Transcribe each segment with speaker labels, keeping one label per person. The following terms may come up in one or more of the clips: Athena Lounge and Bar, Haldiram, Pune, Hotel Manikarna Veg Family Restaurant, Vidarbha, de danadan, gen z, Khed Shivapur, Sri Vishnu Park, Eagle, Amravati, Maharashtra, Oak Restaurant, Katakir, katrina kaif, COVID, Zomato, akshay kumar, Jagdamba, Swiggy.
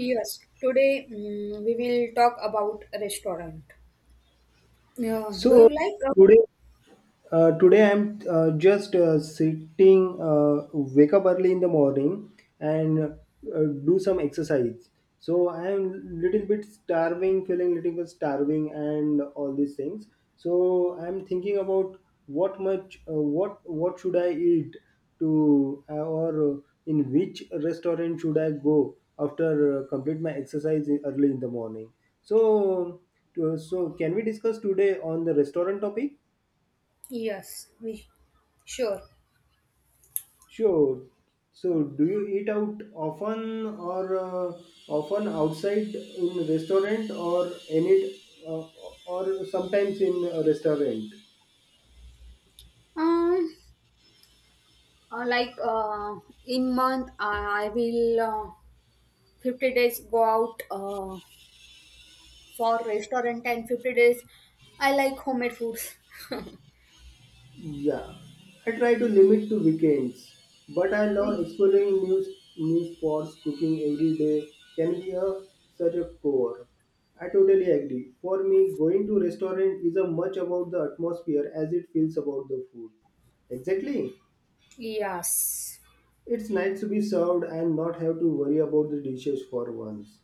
Speaker 1: Yes, today we will talk about restaurant. Uh,
Speaker 2: So
Speaker 1: do you like?
Speaker 2: today today I'm just sitting, wake up early in the morning and do some exercise. So I'm little bit starving, feeling little bit starving and all these things. So I'm thinking about what much, what should I eat to, or in which restaurant should I go after complete my exercise early in the morning. So, so, can we discuss today on the restaurant topic?
Speaker 1: Yes, we sure.
Speaker 2: Sure. So, do you eat out often or often outside in restaurant or any uh, or sometimes in a restaurant?
Speaker 1: Um, like, in month, I will, 50 days go out, for restaurant and 50 days I like homemade foods.
Speaker 2: Yeah. I try to limit to weekends, but I love exploring new spots. Cooking every day can be a such a core. I totally agree. For me, going to restaurant is a much about the atmosphere as it feels about the food. Exactly.
Speaker 1: Yes.
Speaker 2: It's nice to be served and not have to worry about the dishes for once.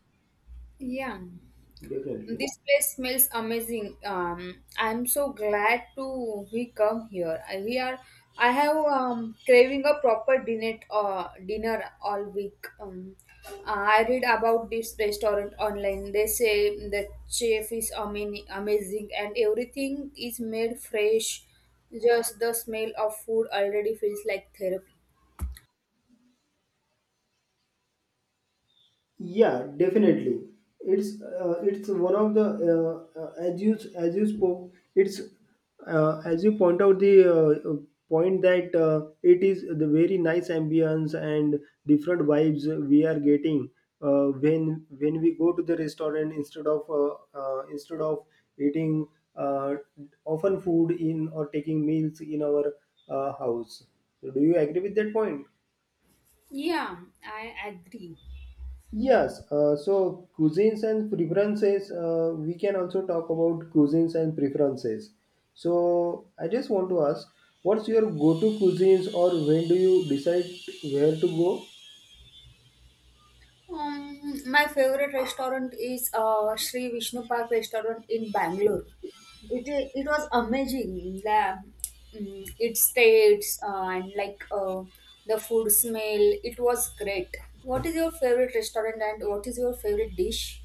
Speaker 1: Yeah.
Speaker 2: Definitely.
Speaker 1: This place smells amazing. I'm so glad to we come here. We are. I have craving a proper dinner all week. I read about this restaurant online. They say the chef is amazing, amazing, and everything is made fresh. Just the smell of food already feels like therapy.
Speaker 2: Yeah, definitely. It's one of the as you spoke. It's as you point out the point that it is the very nice ambience and different vibes we are getting when we go to the restaurant instead of eating uh, often food in or taking meals in our house. So do you agree with that point?
Speaker 1: Yeah, I agree.
Speaker 2: Yes, so cuisines and preferences, we can also talk about cuisines and preferences. So I just want to ask, what's your go-to cuisines or when do you decide where to go?
Speaker 1: My favorite restaurant is Sri Vishnu Park restaurant in Bangalore. It it was amazing. Its tastes, and like, the food smell. It was great. What is your favorite restaurant and what is your favorite dish?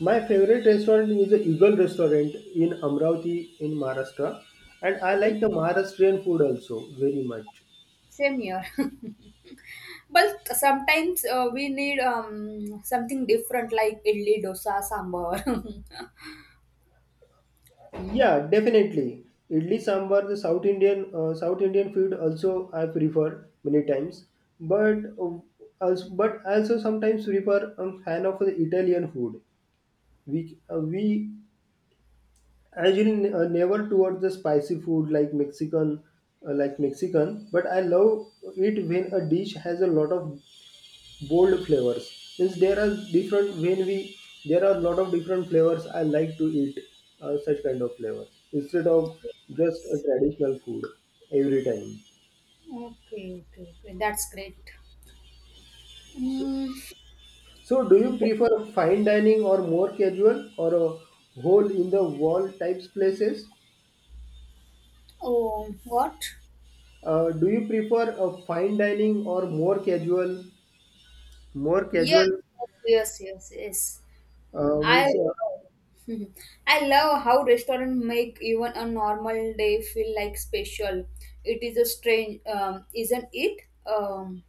Speaker 2: My favorite restaurant is the Eagle restaurant in Amravati in Maharashtra, and I
Speaker 1: Okay,
Speaker 2: like the Maharashtrian food also very much.
Speaker 1: same here. But sometimes, we need, something different like idli, dosa, sambar.
Speaker 2: Yeah, definitely. Idli sambar, the South Indian South Indian food also I prefer many times. But uh, but also sometimes prefer I fan of the Italian food. We usually never towards the spicy food like Mexican like Mexican. But I love it when a dish has a lot of bold flavors means there are different when we there are a lot of different flavors I like to eat such kind of flavors instead of just a traditional food every time.
Speaker 1: Okay, okay, okay. That's great. Mm,
Speaker 2: So do you prefer fine dining or more casual or a hole in the wall types places?
Speaker 1: Oh, what?
Speaker 2: Do you prefer a fine dining or more casual more
Speaker 1: Yes,
Speaker 2: casual
Speaker 1: yes, yes, yes, yes. I
Speaker 2: Means
Speaker 1: love, I love how restaurant make even a normal day feel like special. It is a strange, isn't it? Um,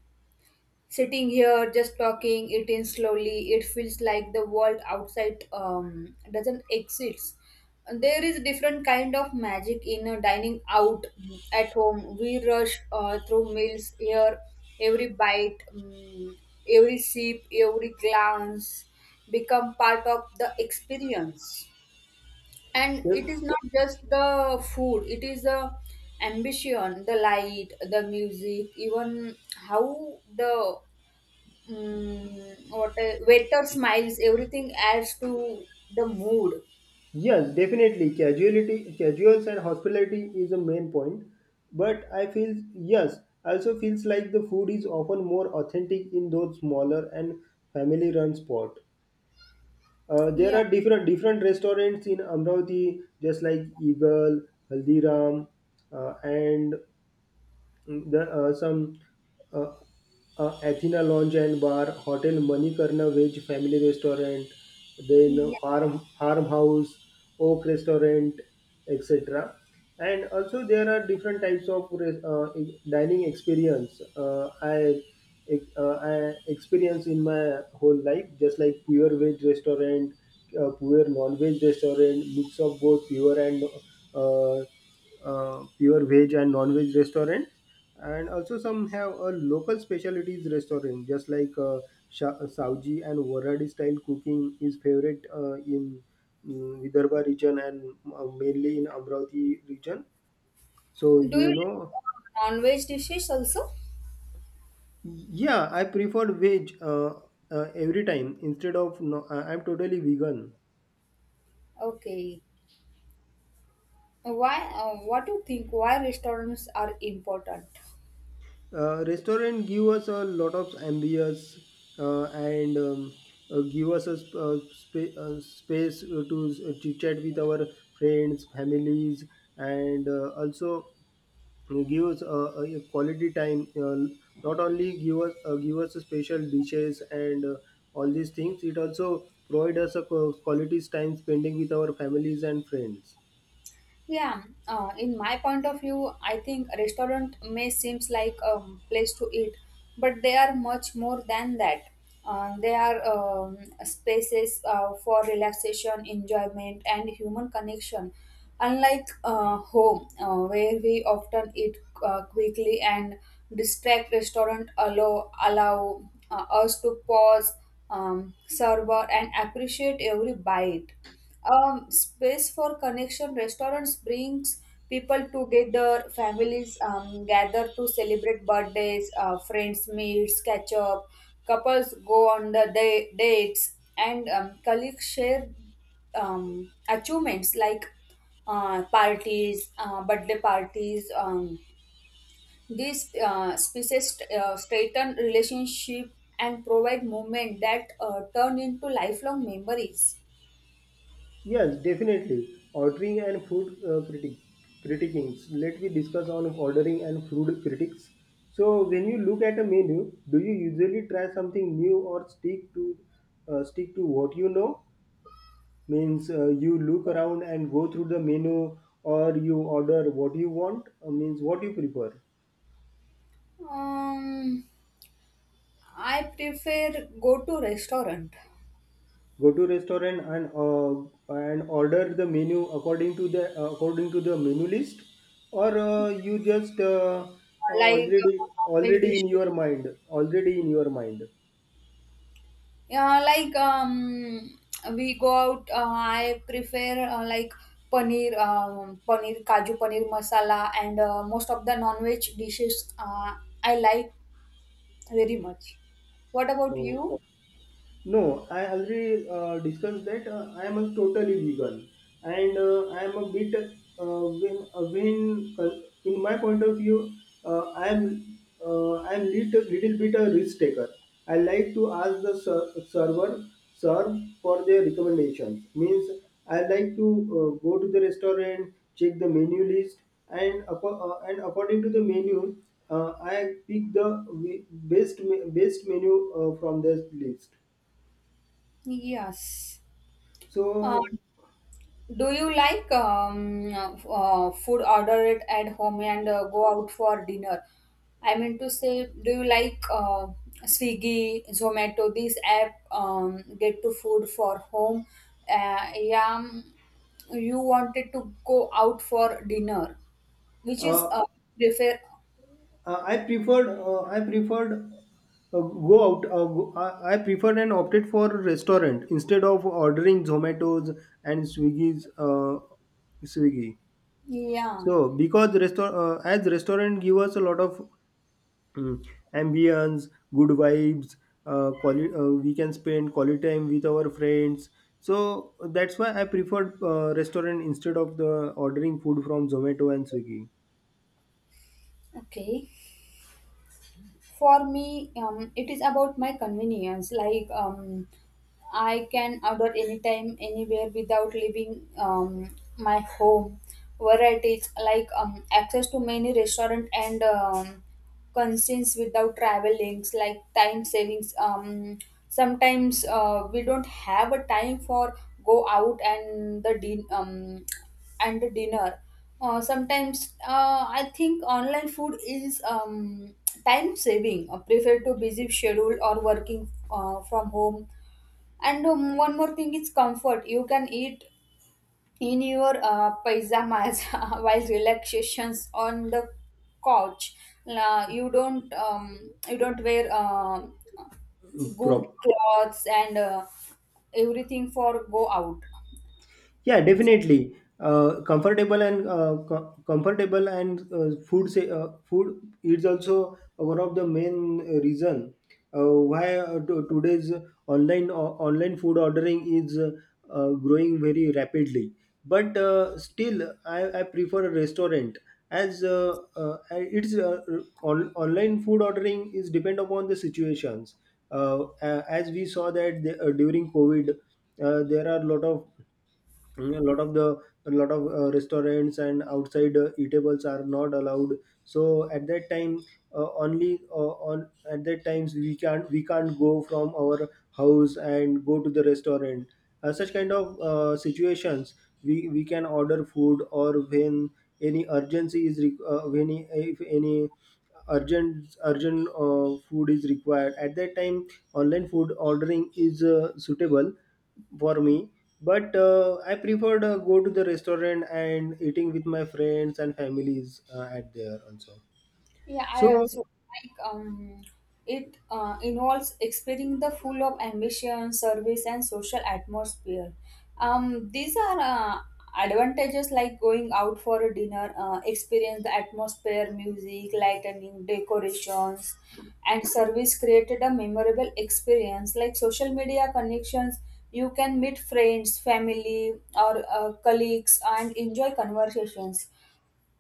Speaker 1: Sitting here, just talking, eating slowly, it feels like the world outside doesn't exist. There is different kind of magic in, dining out, at home. We rush, through meals here, every bite, every sip, every glance become part of the experience, and
Speaker 2: uh,
Speaker 1: it is not just the food, it is the ambition, the light, the music, even how the, waiter smiles, everything adds to the mood.
Speaker 2: Yes, definitely. Casuality, casuals and hospitality is a main point. But I feel yes, I also feels like the food is often more authentic in those smaller and family-run spot. There
Speaker 1: Yeah.
Speaker 2: are different restaurants in Amravati, just like Eagle, Haldiram, and the some uh, Athena Lounge and Bar, Hotel Manikarna Veg Family Restaurant, then
Speaker 1: Yeah.
Speaker 2: Farm Farmhouse, Oak Restaurant, etc. And also there are different types of dining experience. I experience in my whole life, just like pure veg restaurant, pure non-veg restaurant, mix of both pure and uh, pure veg and non-veg restaurant, and also some have a local specialties restaurant just like Savji and Waradi style cooking is favorite in Vidarbha region and mainly in Amravati region, so
Speaker 1: Do you
Speaker 2: you
Speaker 1: like,
Speaker 2: know.
Speaker 1: non-veg dishes also?
Speaker 2: Yeah, I prefer veg every time instead of no, I'm totally vegan.
Speaker 1: Okay. Why? What do you think? Why restaurants are important?
Speaker 2: Restaurant give us a lot of ambience and give us a space to chit chat with our friends families, and also give us a quality time. Not only give us special dishes and all these things, it also provide us a quality time spending with our families and friends.
Speaker 1: Yeah, in my point of view, I think a restaurant may seems like a place to eat, but they are much more than that. They are, spaces, for relaxation, enjoyment, and human connection. Unlike, home, where we often eat, quickly and distract, restaurant allow, us to pause, savor, and appreciate every bite, space for connection. Restaurants brings people together. Families, gather to celebrate birthdays. Friends meets, catch up. Couples go on the dates, and, colleagues share, achievements like, parties, birthday parties. These, species, strengthen relationship and provide moment that, turn into lifelong memories.
Speaker 2: Yes, definitely. Ordering and food critic critiquing. Let me discuss on ordering and food critics. So, when you look at a menu, do you usually try something new or stick to what you know? Means you look around and go through the menu, or you order what you want. Means what you prefer.
Speaker 1: Um, I prefer go to restaurant
Speaker 2: Go to restaurant and order the menu according to the menu list, or you just
Speaker 1: like,
Speaker 2: already
Speaker 1: uh, normal
Speaker 2: already
Speaker 1: dish.
Speaker 2: in your mind already in your mind.
Speaker 1: Yeah, like, we go out. I prefer, like paneer, paneer kaju paneer masala, and, most of the non-veg dishes. I like very much. What about
Speaker 2: Oh,
Speaker 1: you?
Speaker 2: no, I already discussed that I am a totally vegan, and I am a bit when in my point of view, uh, I am I am little bit a risk taker. I like to ask the server serve for their recommendations. Means I like to go to the restaurant, check the menu list, and according to the menu, I pick the best menu from this list.
Speaker 1: Yes. Uh,
Speaker 2: So
Speaker 1: Do you like, food order it at home and, go out for dinner? I mean to say, do you like, Swiggy, Zomato, these app, get to food for home? Yeah, you wanted to go out for dinner, which is,
Speaker 2: uh,
Speaker 1: prefer.
Speaker 2: I preferred go out. I preferred and opted for restaurant instead of ordering Zomato's and Swiggy's Swiggy.
Speaker 1: Yeah,
Speaker 2: So because restaurant as restaurant give us a lot of mm, ambience, good vibes. Quality we can spend quality time with our friends. So that's why I preferred restaurant instead of the ordering food from Zomato and Swiggy.
Speaker 1: okay. For me, it is about my convenience like, I can order anytime anywhere without leaving, my home varieties like, access to many restaurant and, concerns without travel like time savings, sometimes, we don't have a time for go out and the and the dinner, sometimes, I think online food is, time saving, preferred to busy schedule or working, from home, and, one more thing is comfort. You can eat in your, pajamas while relaxations on the couch. La You don't wear good
Speaker 2: Prop.
Speaker 1: clothes and, everything for go out.
Speaker 2: Yeah, definitely. Comfortable and comfortable and food say food is also one of the main reason why today's online online food ordering is growing very rapidly. But still I prefer a restaurant as it's online food ordering is depend upon the situations. As we saw that the, during COVID, there are a lot of Mm, a lot of the a lot of restaurants and outside eatables are not allowed, so at that time only on at that times we can't go from our house and go to the restaurant. Uh, such kind of situations we can order food, or when any urgency is re- when any- if any urgent food is required, at that time online food ordering is suitable for me. But I preferred go to the restaurant and eating with my friends and families at there also.
Speaker 1: Yeah, I
Speaker 2: So
Speaker 1: also like, it, involves exploring the full of ambition, service, and social atmosphere. These are, advantages like going out for a dinner, experience the atmosphere, music, lightning, decorations, and service created a memorable experience. Like social media connections, you can meet friends, family, or, colleagues and enjoy conversations.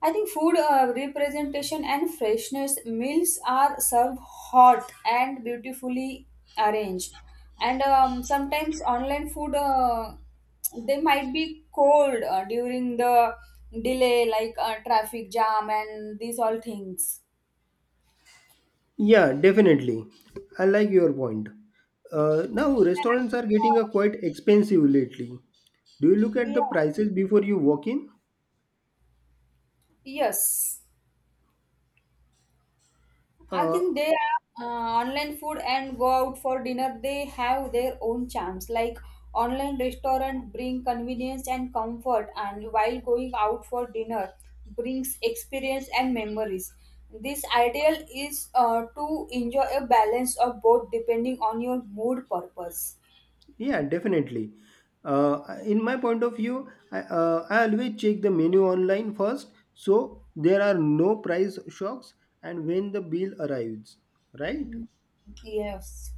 Speaker 1: I think food, representation and freshness meals are served hot and beautifully arranged. And, sometimes online food, they might be cold, during the delay, like, traffic jam and these all things.
Speaker 2: yeah, definitely, I like your point. Now restaurants are getting quite expensive lately. Do you look at
Speaker 1: Yeah.
Speaker 2: the prices before you walk in?
Speaker 1: Yes. I
Speaker 2: uh,
Speaker 1: think they are, online food and go out for dinner. They have their own charms. Like online restaurant bring convenience and comfort, and while going out for dinner brings experience and memories. This ideal is, to enjoy a balance of both depending on your mood purpose.
Speaker 2: Yeah, definitely. In my point of view, I always check the menu online first, so there are no price shocks, and when the bill arrives, right?
Speaker 1: Mm. Yes.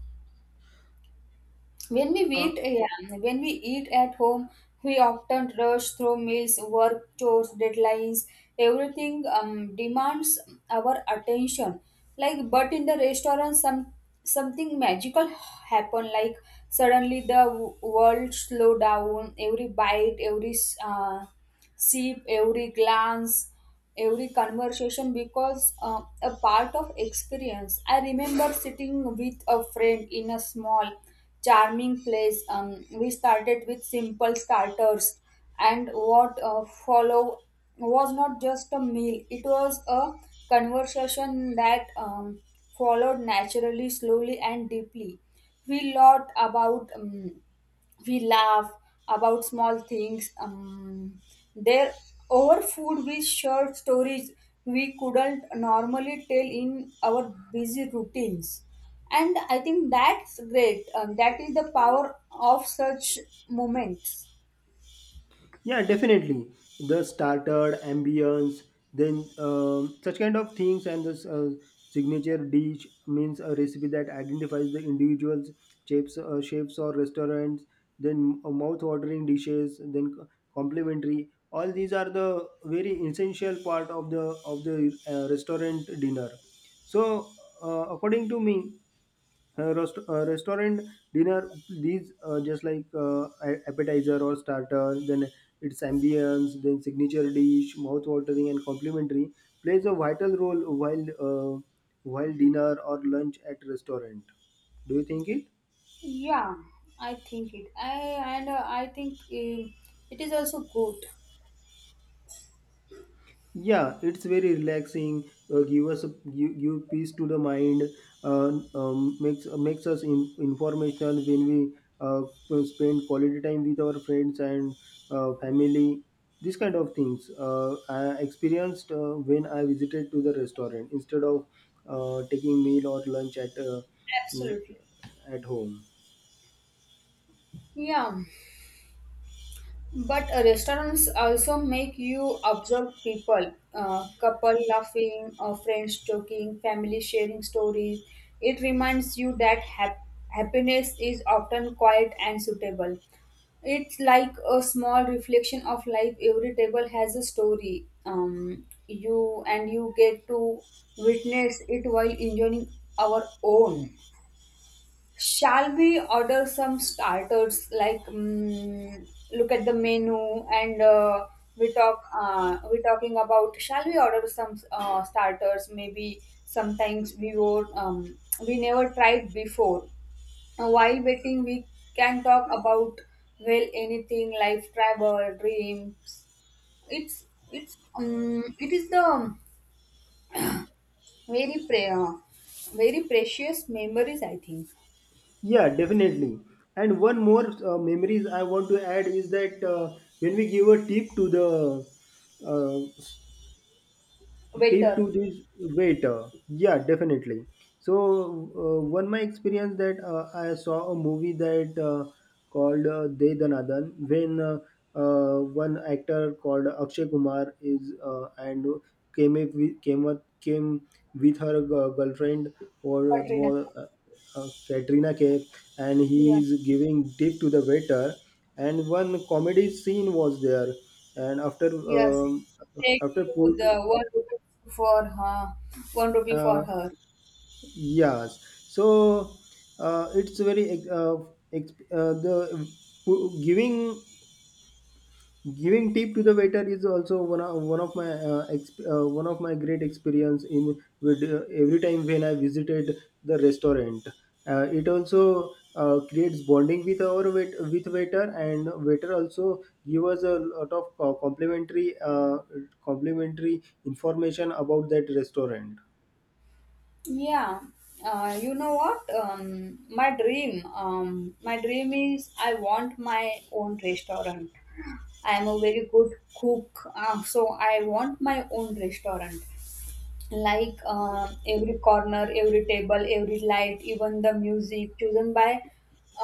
Speaker 1: When we
Speaker 2: Uh,
Speaker 1: eat, yeah, when we eat at home, we often rush through meals, work chores, deadlines, everything, demands our attention. Like, but in the restaurant, some something magical happen. Like suddenly the world slow down. Every bite, every, uh, sip, every glance, every conversation because, a part of experience. I remember sitting with a friend in a small, charming place. We started with simple starters, and what, followed was not just a meal, it was a conversation that, followed naturally, slowly, and deeply. We lot about. We laugh about small things, there over food. We share stories we couldn't normally tell in our busy routines, and I think that's great, that is the power of such moments.
Speaker 2: yeah, definitely. The starter, ambience, then such kind of things, and this signature dish means a recipe that identifies the individual shapes, shapes or restaurants. Then mouth-watering dishes, then complimentary. All these are the very essential part of the of the restaurant dinner. So, according to me, restaurant dinner, these just like appetizer or starter, then its ambience, then signature dish, mouth watering and complimentary plays a vital role while dinner or lunch at restaurant. Do you think it?
Speaker 1: Yeah, I think it, I, and, I think, it is also good.
Speaker 2: Yeah, it's very relaxing. Give us a, give, Give peace to the mind. Makes us in, information when we uh, spend quality time with our friends and family. These kind of things I experienced when I visited to the restaurant instead of taking meal or lunch
Speaker 1: Absolutely.
Speaker 2: at home.
Speaker 1: Yeah. But, restaurants also make you observe people, couple laughing, friends talking, family sharing stories. It reminds you that happiness is often quiet and suitable. It's like a small reflection of life. Every table has a story. You and you get to witness it while enjoying our own. Shall we order some starters? Like, look at the menu, and, we talk. We're talking about. Shall we order some, starters? Maybe sometimes we were, we never tried before. While waiting, we can talk about well anything: life, travel, dreams. It's it is the very pre- uh, very precious memories. I think.
Speaker 2: Yeah, definitely. And one more memories I want to add is that when we give a tip to the uh, tip to
Speaker 1: Waiter,
Speaker 2: this waiter. Yeah, definitely. So one my experience that I saw a movie that called de danadan, when uh, one actor called akshay kumar is and came up with, came up, came with her girlfriend or
Speaker 1: Katrina.
Speaker 2: was katrina kaif, and he
Speaker 1: Yeah.
Speaker 2: is giving tip to the waiter, and one comedy scene was there, and after
Speaker 1: Yes,
Speaker 2: um,
Speaker 1: take
Speaker 2: after
Speaker 1: you
Speaker 2: put
Speaker 1: the one rupee for her, one rupee for
Speaker 2: uh,
Speaker 1: her.
Speaker 2: yes. So it's very the giving giving tip to the waiter is also one of my one of my great experience in with every time when I visited the restaurant. It also creates bonding with our with waiter, and waiter also give us a lot of complimentary information about that restaurant.
Speaker 1: Yeah, you know what? My dream, my dream is I want my own restaurant. I am a very good cook, so I want my own restaurant. Like, every corner, every table, every light, even the music chosen by,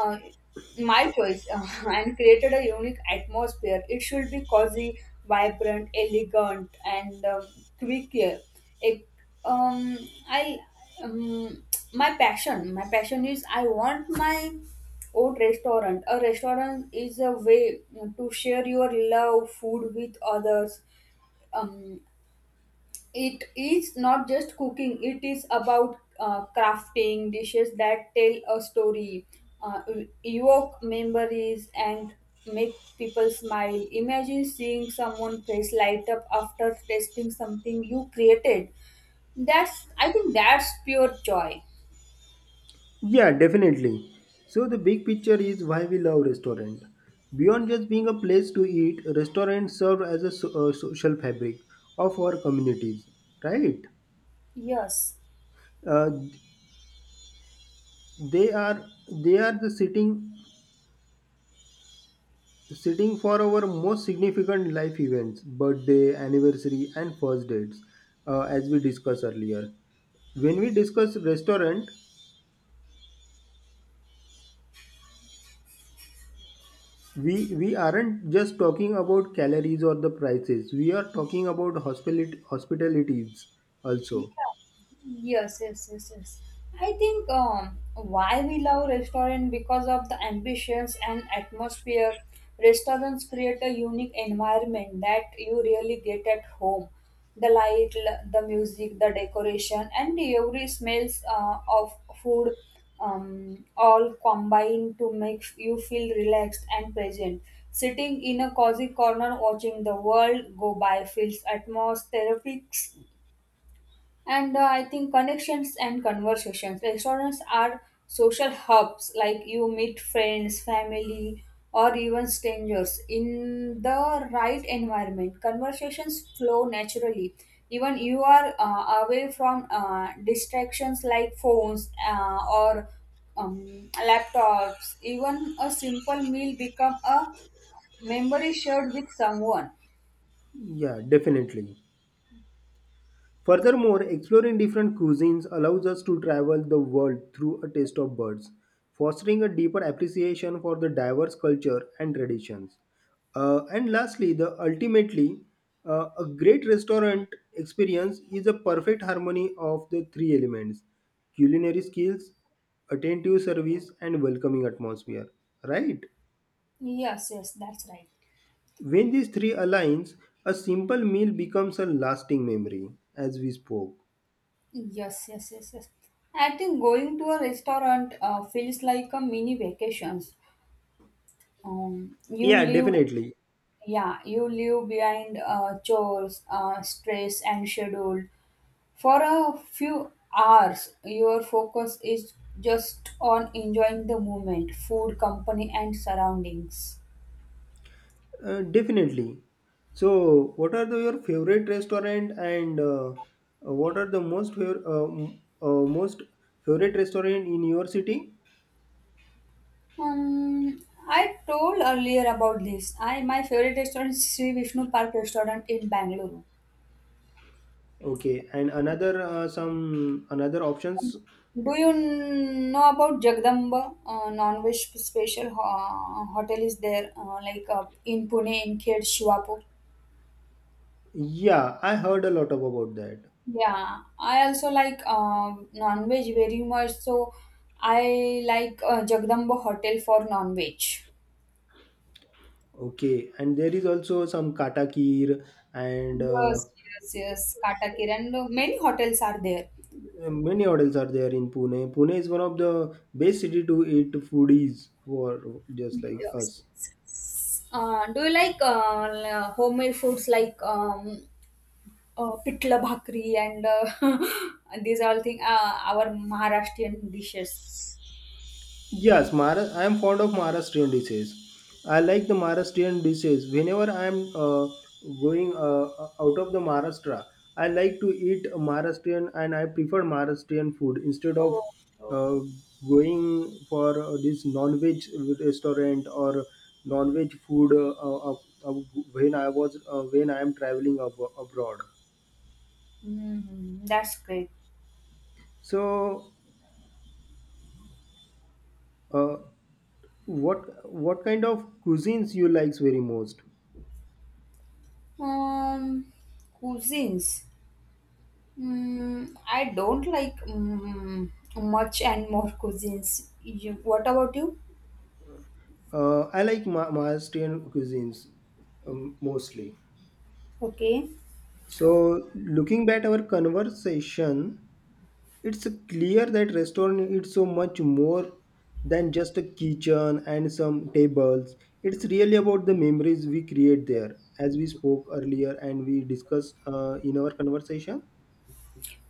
Speaker 1: uh, my choice, and created a unique atmosphere. It should be cozy, vibrant, elegant, and, quick. Here. It, I um, my passion is I want my own restaurant. A restaurant is a way to share your love food with others. Um, it is not just cooking, it is about, crafting dishes that tell a story, uh, evoke memories and make people smile. Imagine seeing someone face light up after tasting something you created. That's, I think, that's pure joy.
Speaker 2: Yeah, definitely. So the big picture is why we love restaurant. Beyond just being a place to eat, restaurants serve as a social fabric of our communities, right?
Speaker 1: Yes.
Speaker 2: Uh, they are they are the sitting for our most significant life events, birthday, anniversary, and first dates, as we discussed earlier. When we discuss restaurant, we aren't just talking about calories or the prices, we are talking about hospitality hospitalities also.
Speaker 1: Yeah. Yes, yes, yes, yes. I think, why we love restaurant because of the ambitions and atmosphere. Restaurants create a unique environment that you really get at home. The light, the music, the decoration, and every smells, of food, all combine to make you feel relaxed and present. Sitting in a cozy corner watching the world go by feels atmospheric, and, I think connections and conversations. Restaurants are social hubs, like you meet friends, family, or even strangers. In the right environment, conversations flow naturally. Even you are, away from, distractions like phones, or, laptops. Even a simple meal become a memory shared with someone.
Speaker 2: Yeah, definitely. Furthermore, exploring different cuisines allows us to travel the world through a taste of birds, fostering a deeper appreciation for the diverse culture and traditions. And lastly, the ultimately, a great restaurant experience is a perfect harmony of the three elements: culinary skills, attentive service, and welcoming atmosphere. Right?
Speaker 1: Yes, yes, that's right.
Speaker 2: When these three aligns, a simple meal becomes a lasting memory, as we spoke.
Speaker 1: Yes, yes, yes, yes. I think going to a restaurant, feels like a mini vacations. You
Speaker 2: Yeah,
Speaker 1: live,
Speaker 2: definitely.
Speaker 1: yeah, you live behind, chores, stress, and schedule. For a few hours, your focus is just on enjoying the moment, food, company, and surroundings.
Speaker 2: Definitely. So, what are your favorite restaurant and what are the most favorite restaurant in your city?
Speaker 1: Um, I told earlier about this. I My favorite restaurant is Sri Vishnu Park restaurant in Bangalore.
Speaker 2: Okay, and another some another options.
Speaker 1: Do you know about Jagdamba, non-veg special hotel is there, like, in Pune in Khed Shivapur?
Speaker 2: Yeah, I heard a lot of about that.
Speaker 1: Yeah, I also like non-veg very much, so I like, Jagdamba Hotel for non-veg.
Speaker 2: Okay, and there is also some Kata and
Speaker 1: Yes, yes, yes, Katakir and, many hotels are there.
Speaker 2: many hotels are there in Pune. Pune is one of the best city to eat foodies for just like
Speaker 1: Yes,
Speaker 2: us.
Speaker 1: yes, yes. Do you like, homemade foods like, pitla bhakri and, these all thing, our Maharashtrian dishes.
Speaker 2: Yes, Maharashtra. I am fond of Maharashtrian dishes. I like the Maharashtrian dishes. Whenever I am going out of the Maharashtra, I like to eat Maharashtrian and I prefer Maharashtrian food instead of
Speaker 1: Oh,
Speaker 2: uh, going for this non-veg restaurant or non-veg food uh, when I am traveling abroad.
Speaker 1: mhm, that's great.
Speaker 2: So, uh, what kind of cuisines you likes very most?
Speaker 1: Um, Cuisines. I don't like, much and more cuisines. You, what about you?
Speaker 2: I like Maharashtrian cuisines mostly.
Speaker 1: Okay.
Speaker 2: So, looking back our conversation, it's clear that restaurant is so much more than just a kitchen and some tables. It's really about the memories we create there, as we spoke earlier and we discussed in our conversation.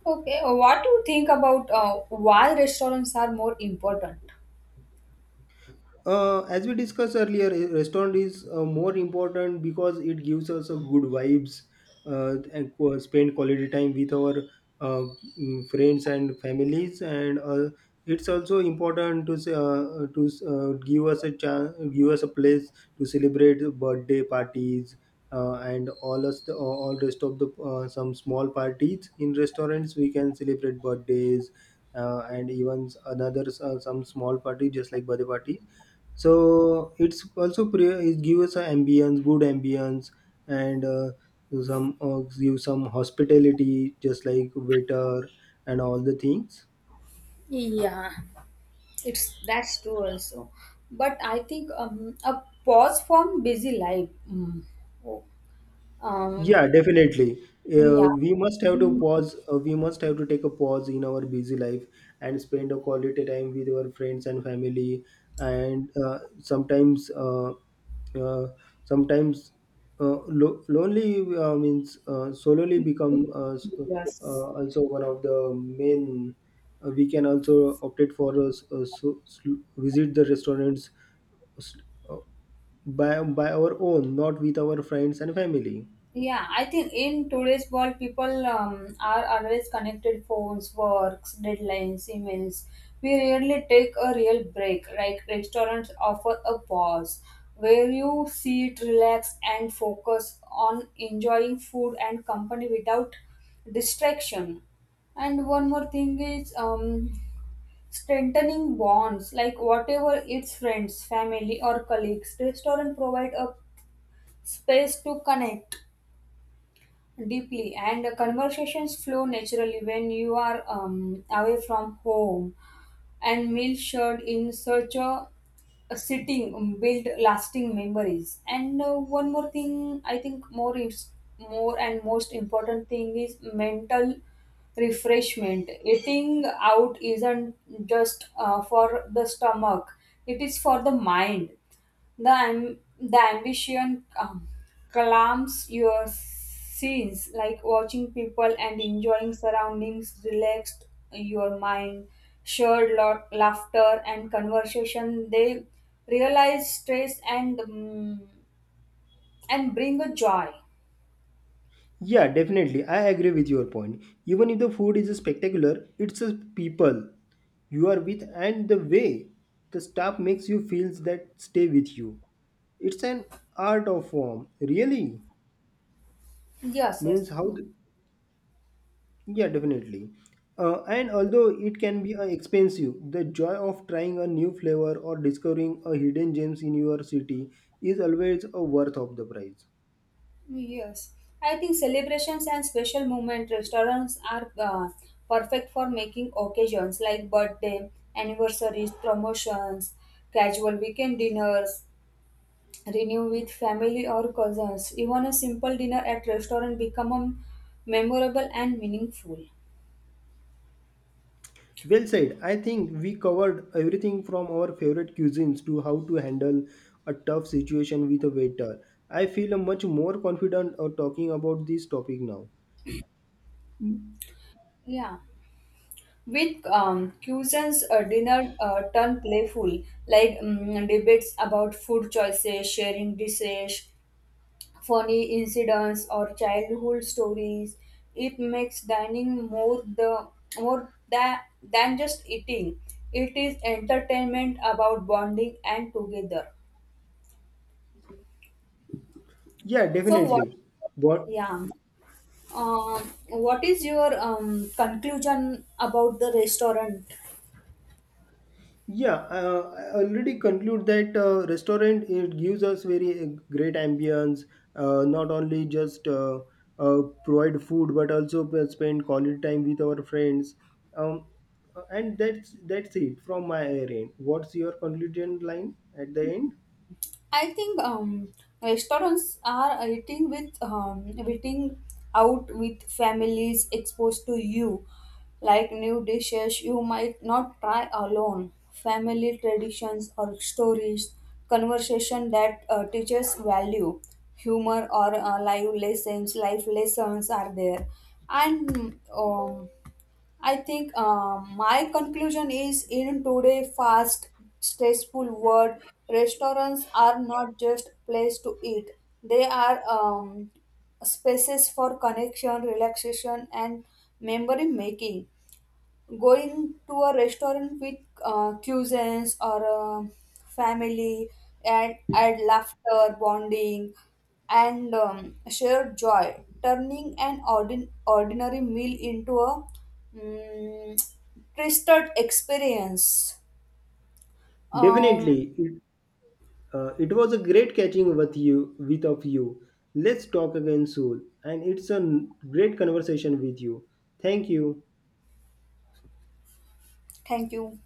Speaker 1: Okay. What do you think about, why restaurants are more important?
Speaker 2: As we discussed earlier, a restaurant is more important because it gives us a good vibes and spend quality time with our uh, friends and families, and it's also important to say, to give us a chance, give us a place to celebrate birthday parties, and all us all rest of the some small parties in restaurants we can celebrate birthdays, and even another some small party just like birthday party. So it's also it gives us an ambience, good ambience, and some give some hospitality, just like waiter and all the things.
Speaker 1: Yeah, it's that's true also. But I think, a pause from busy life. Um,
Speaker 2: Yeah, definitely.
Speaker 1: yeah.
Speaker 2: We must have to
Speaker 1: In.
Speaker 2: pause. We must have to take a pause in our busy life and spend a quality time with our friends and family. And sometimes, uh, sometimes lonely means solely become
Speaker 1: Yes.
Speaker 2: also one of the main. We can also opted for us visit the restaurants uh, s- uh, by our own, not with our friends and family.
Speaker 1: Yeah, I think in today's world, people, are always connected: phones, works, deadlines, emails. We rarely take a real break. Like restaurants offer a pause where you sit, relax, and focus on enjoying food and company without distraction. And one more thing is, strengthening bonds like whatever its friends, family, or colleagues, restaurant provide a space to connect deeply and conversations flow naturally when you are, away from home, and meals shared in such a sitting build lasting memories. And, one more thing, I think more is more and most important thing is mental refreshment. Eating out isn't just, for the stomach; it is for the mind. The, the ambition, calms your scenes, like watching people and enjoying surroundings relaxed your mind. Shared lot laughter and conversation, they realize stress, and, and bring a joy.
Speaker 2: Yeah, definitely. I agree with your point. Even if the food is spectacular, it's the people you are with and the way the staff makes you feel that stay with you. It's an art of form, really.
Speaker 1: Yes,
Speaker 2: Means
Speaker 1: yes.
Speaker 2: how? The, yeah, definitely. And although it can be expensive, the joy of trying a new flavor or discovering a hidden gems in your city is always a worth of the price.
Speaker 1: Yes, I think celebrations and special moment restaurants are, perfect for making occasions like birthday, anniversaries, promotions, casual weekend dinners, renew with family or cousins. Even a simple dinner at restaurant become, memorable and meaningful.
Speaker 2: Well said. I think we covered everything from our favorite cuisines to how to handle a tough situation with a waiter. I feel much more confident of talking about this topic now.
Speaker 1: Yeah. With, cuisines, dinner, turn playful, like, debates about food choices, sharing dishes, funny incidents or childhood stories. It makes dining more the more than just eating. It is entertainment about bonding and together.
Speaker 2: Yeah,
Speaker 1: So what?
Speaker 2: definitely. What?
Speaker 1: Yeah. What is your, conclusion about the restaurant?
Speaker 2: Yeah, I already conclude that restaurant it gives us very great ambience. Not only just provide food, but also spend quality time with our friends. Um, and that's it from my end. What's your conclusion line at the end?
Speaker 1: I think, restaurants are eating with, eating out with families exposed to you, like new dishes you might not try alone. Family traditions or stories, conversation that, teaches value, humor or, life lessons. Life lessons are there, and, I think, my conclusion is, in today's fast, stressful world, restaurants are not just place to eat. They are, spaces for connection, relaxation, and memory making, going to a restaurant with, cousins or, family, and add laughter, bonding, and, shared joy, turning an ordinary meal into a, um, twisted experience. Um,
Speaker 2: Definitely, it, it was a great catching with you, with of you. Let's talk again soon. And it's a great conversation with you. Thank you.
Speaker 1: Thank you.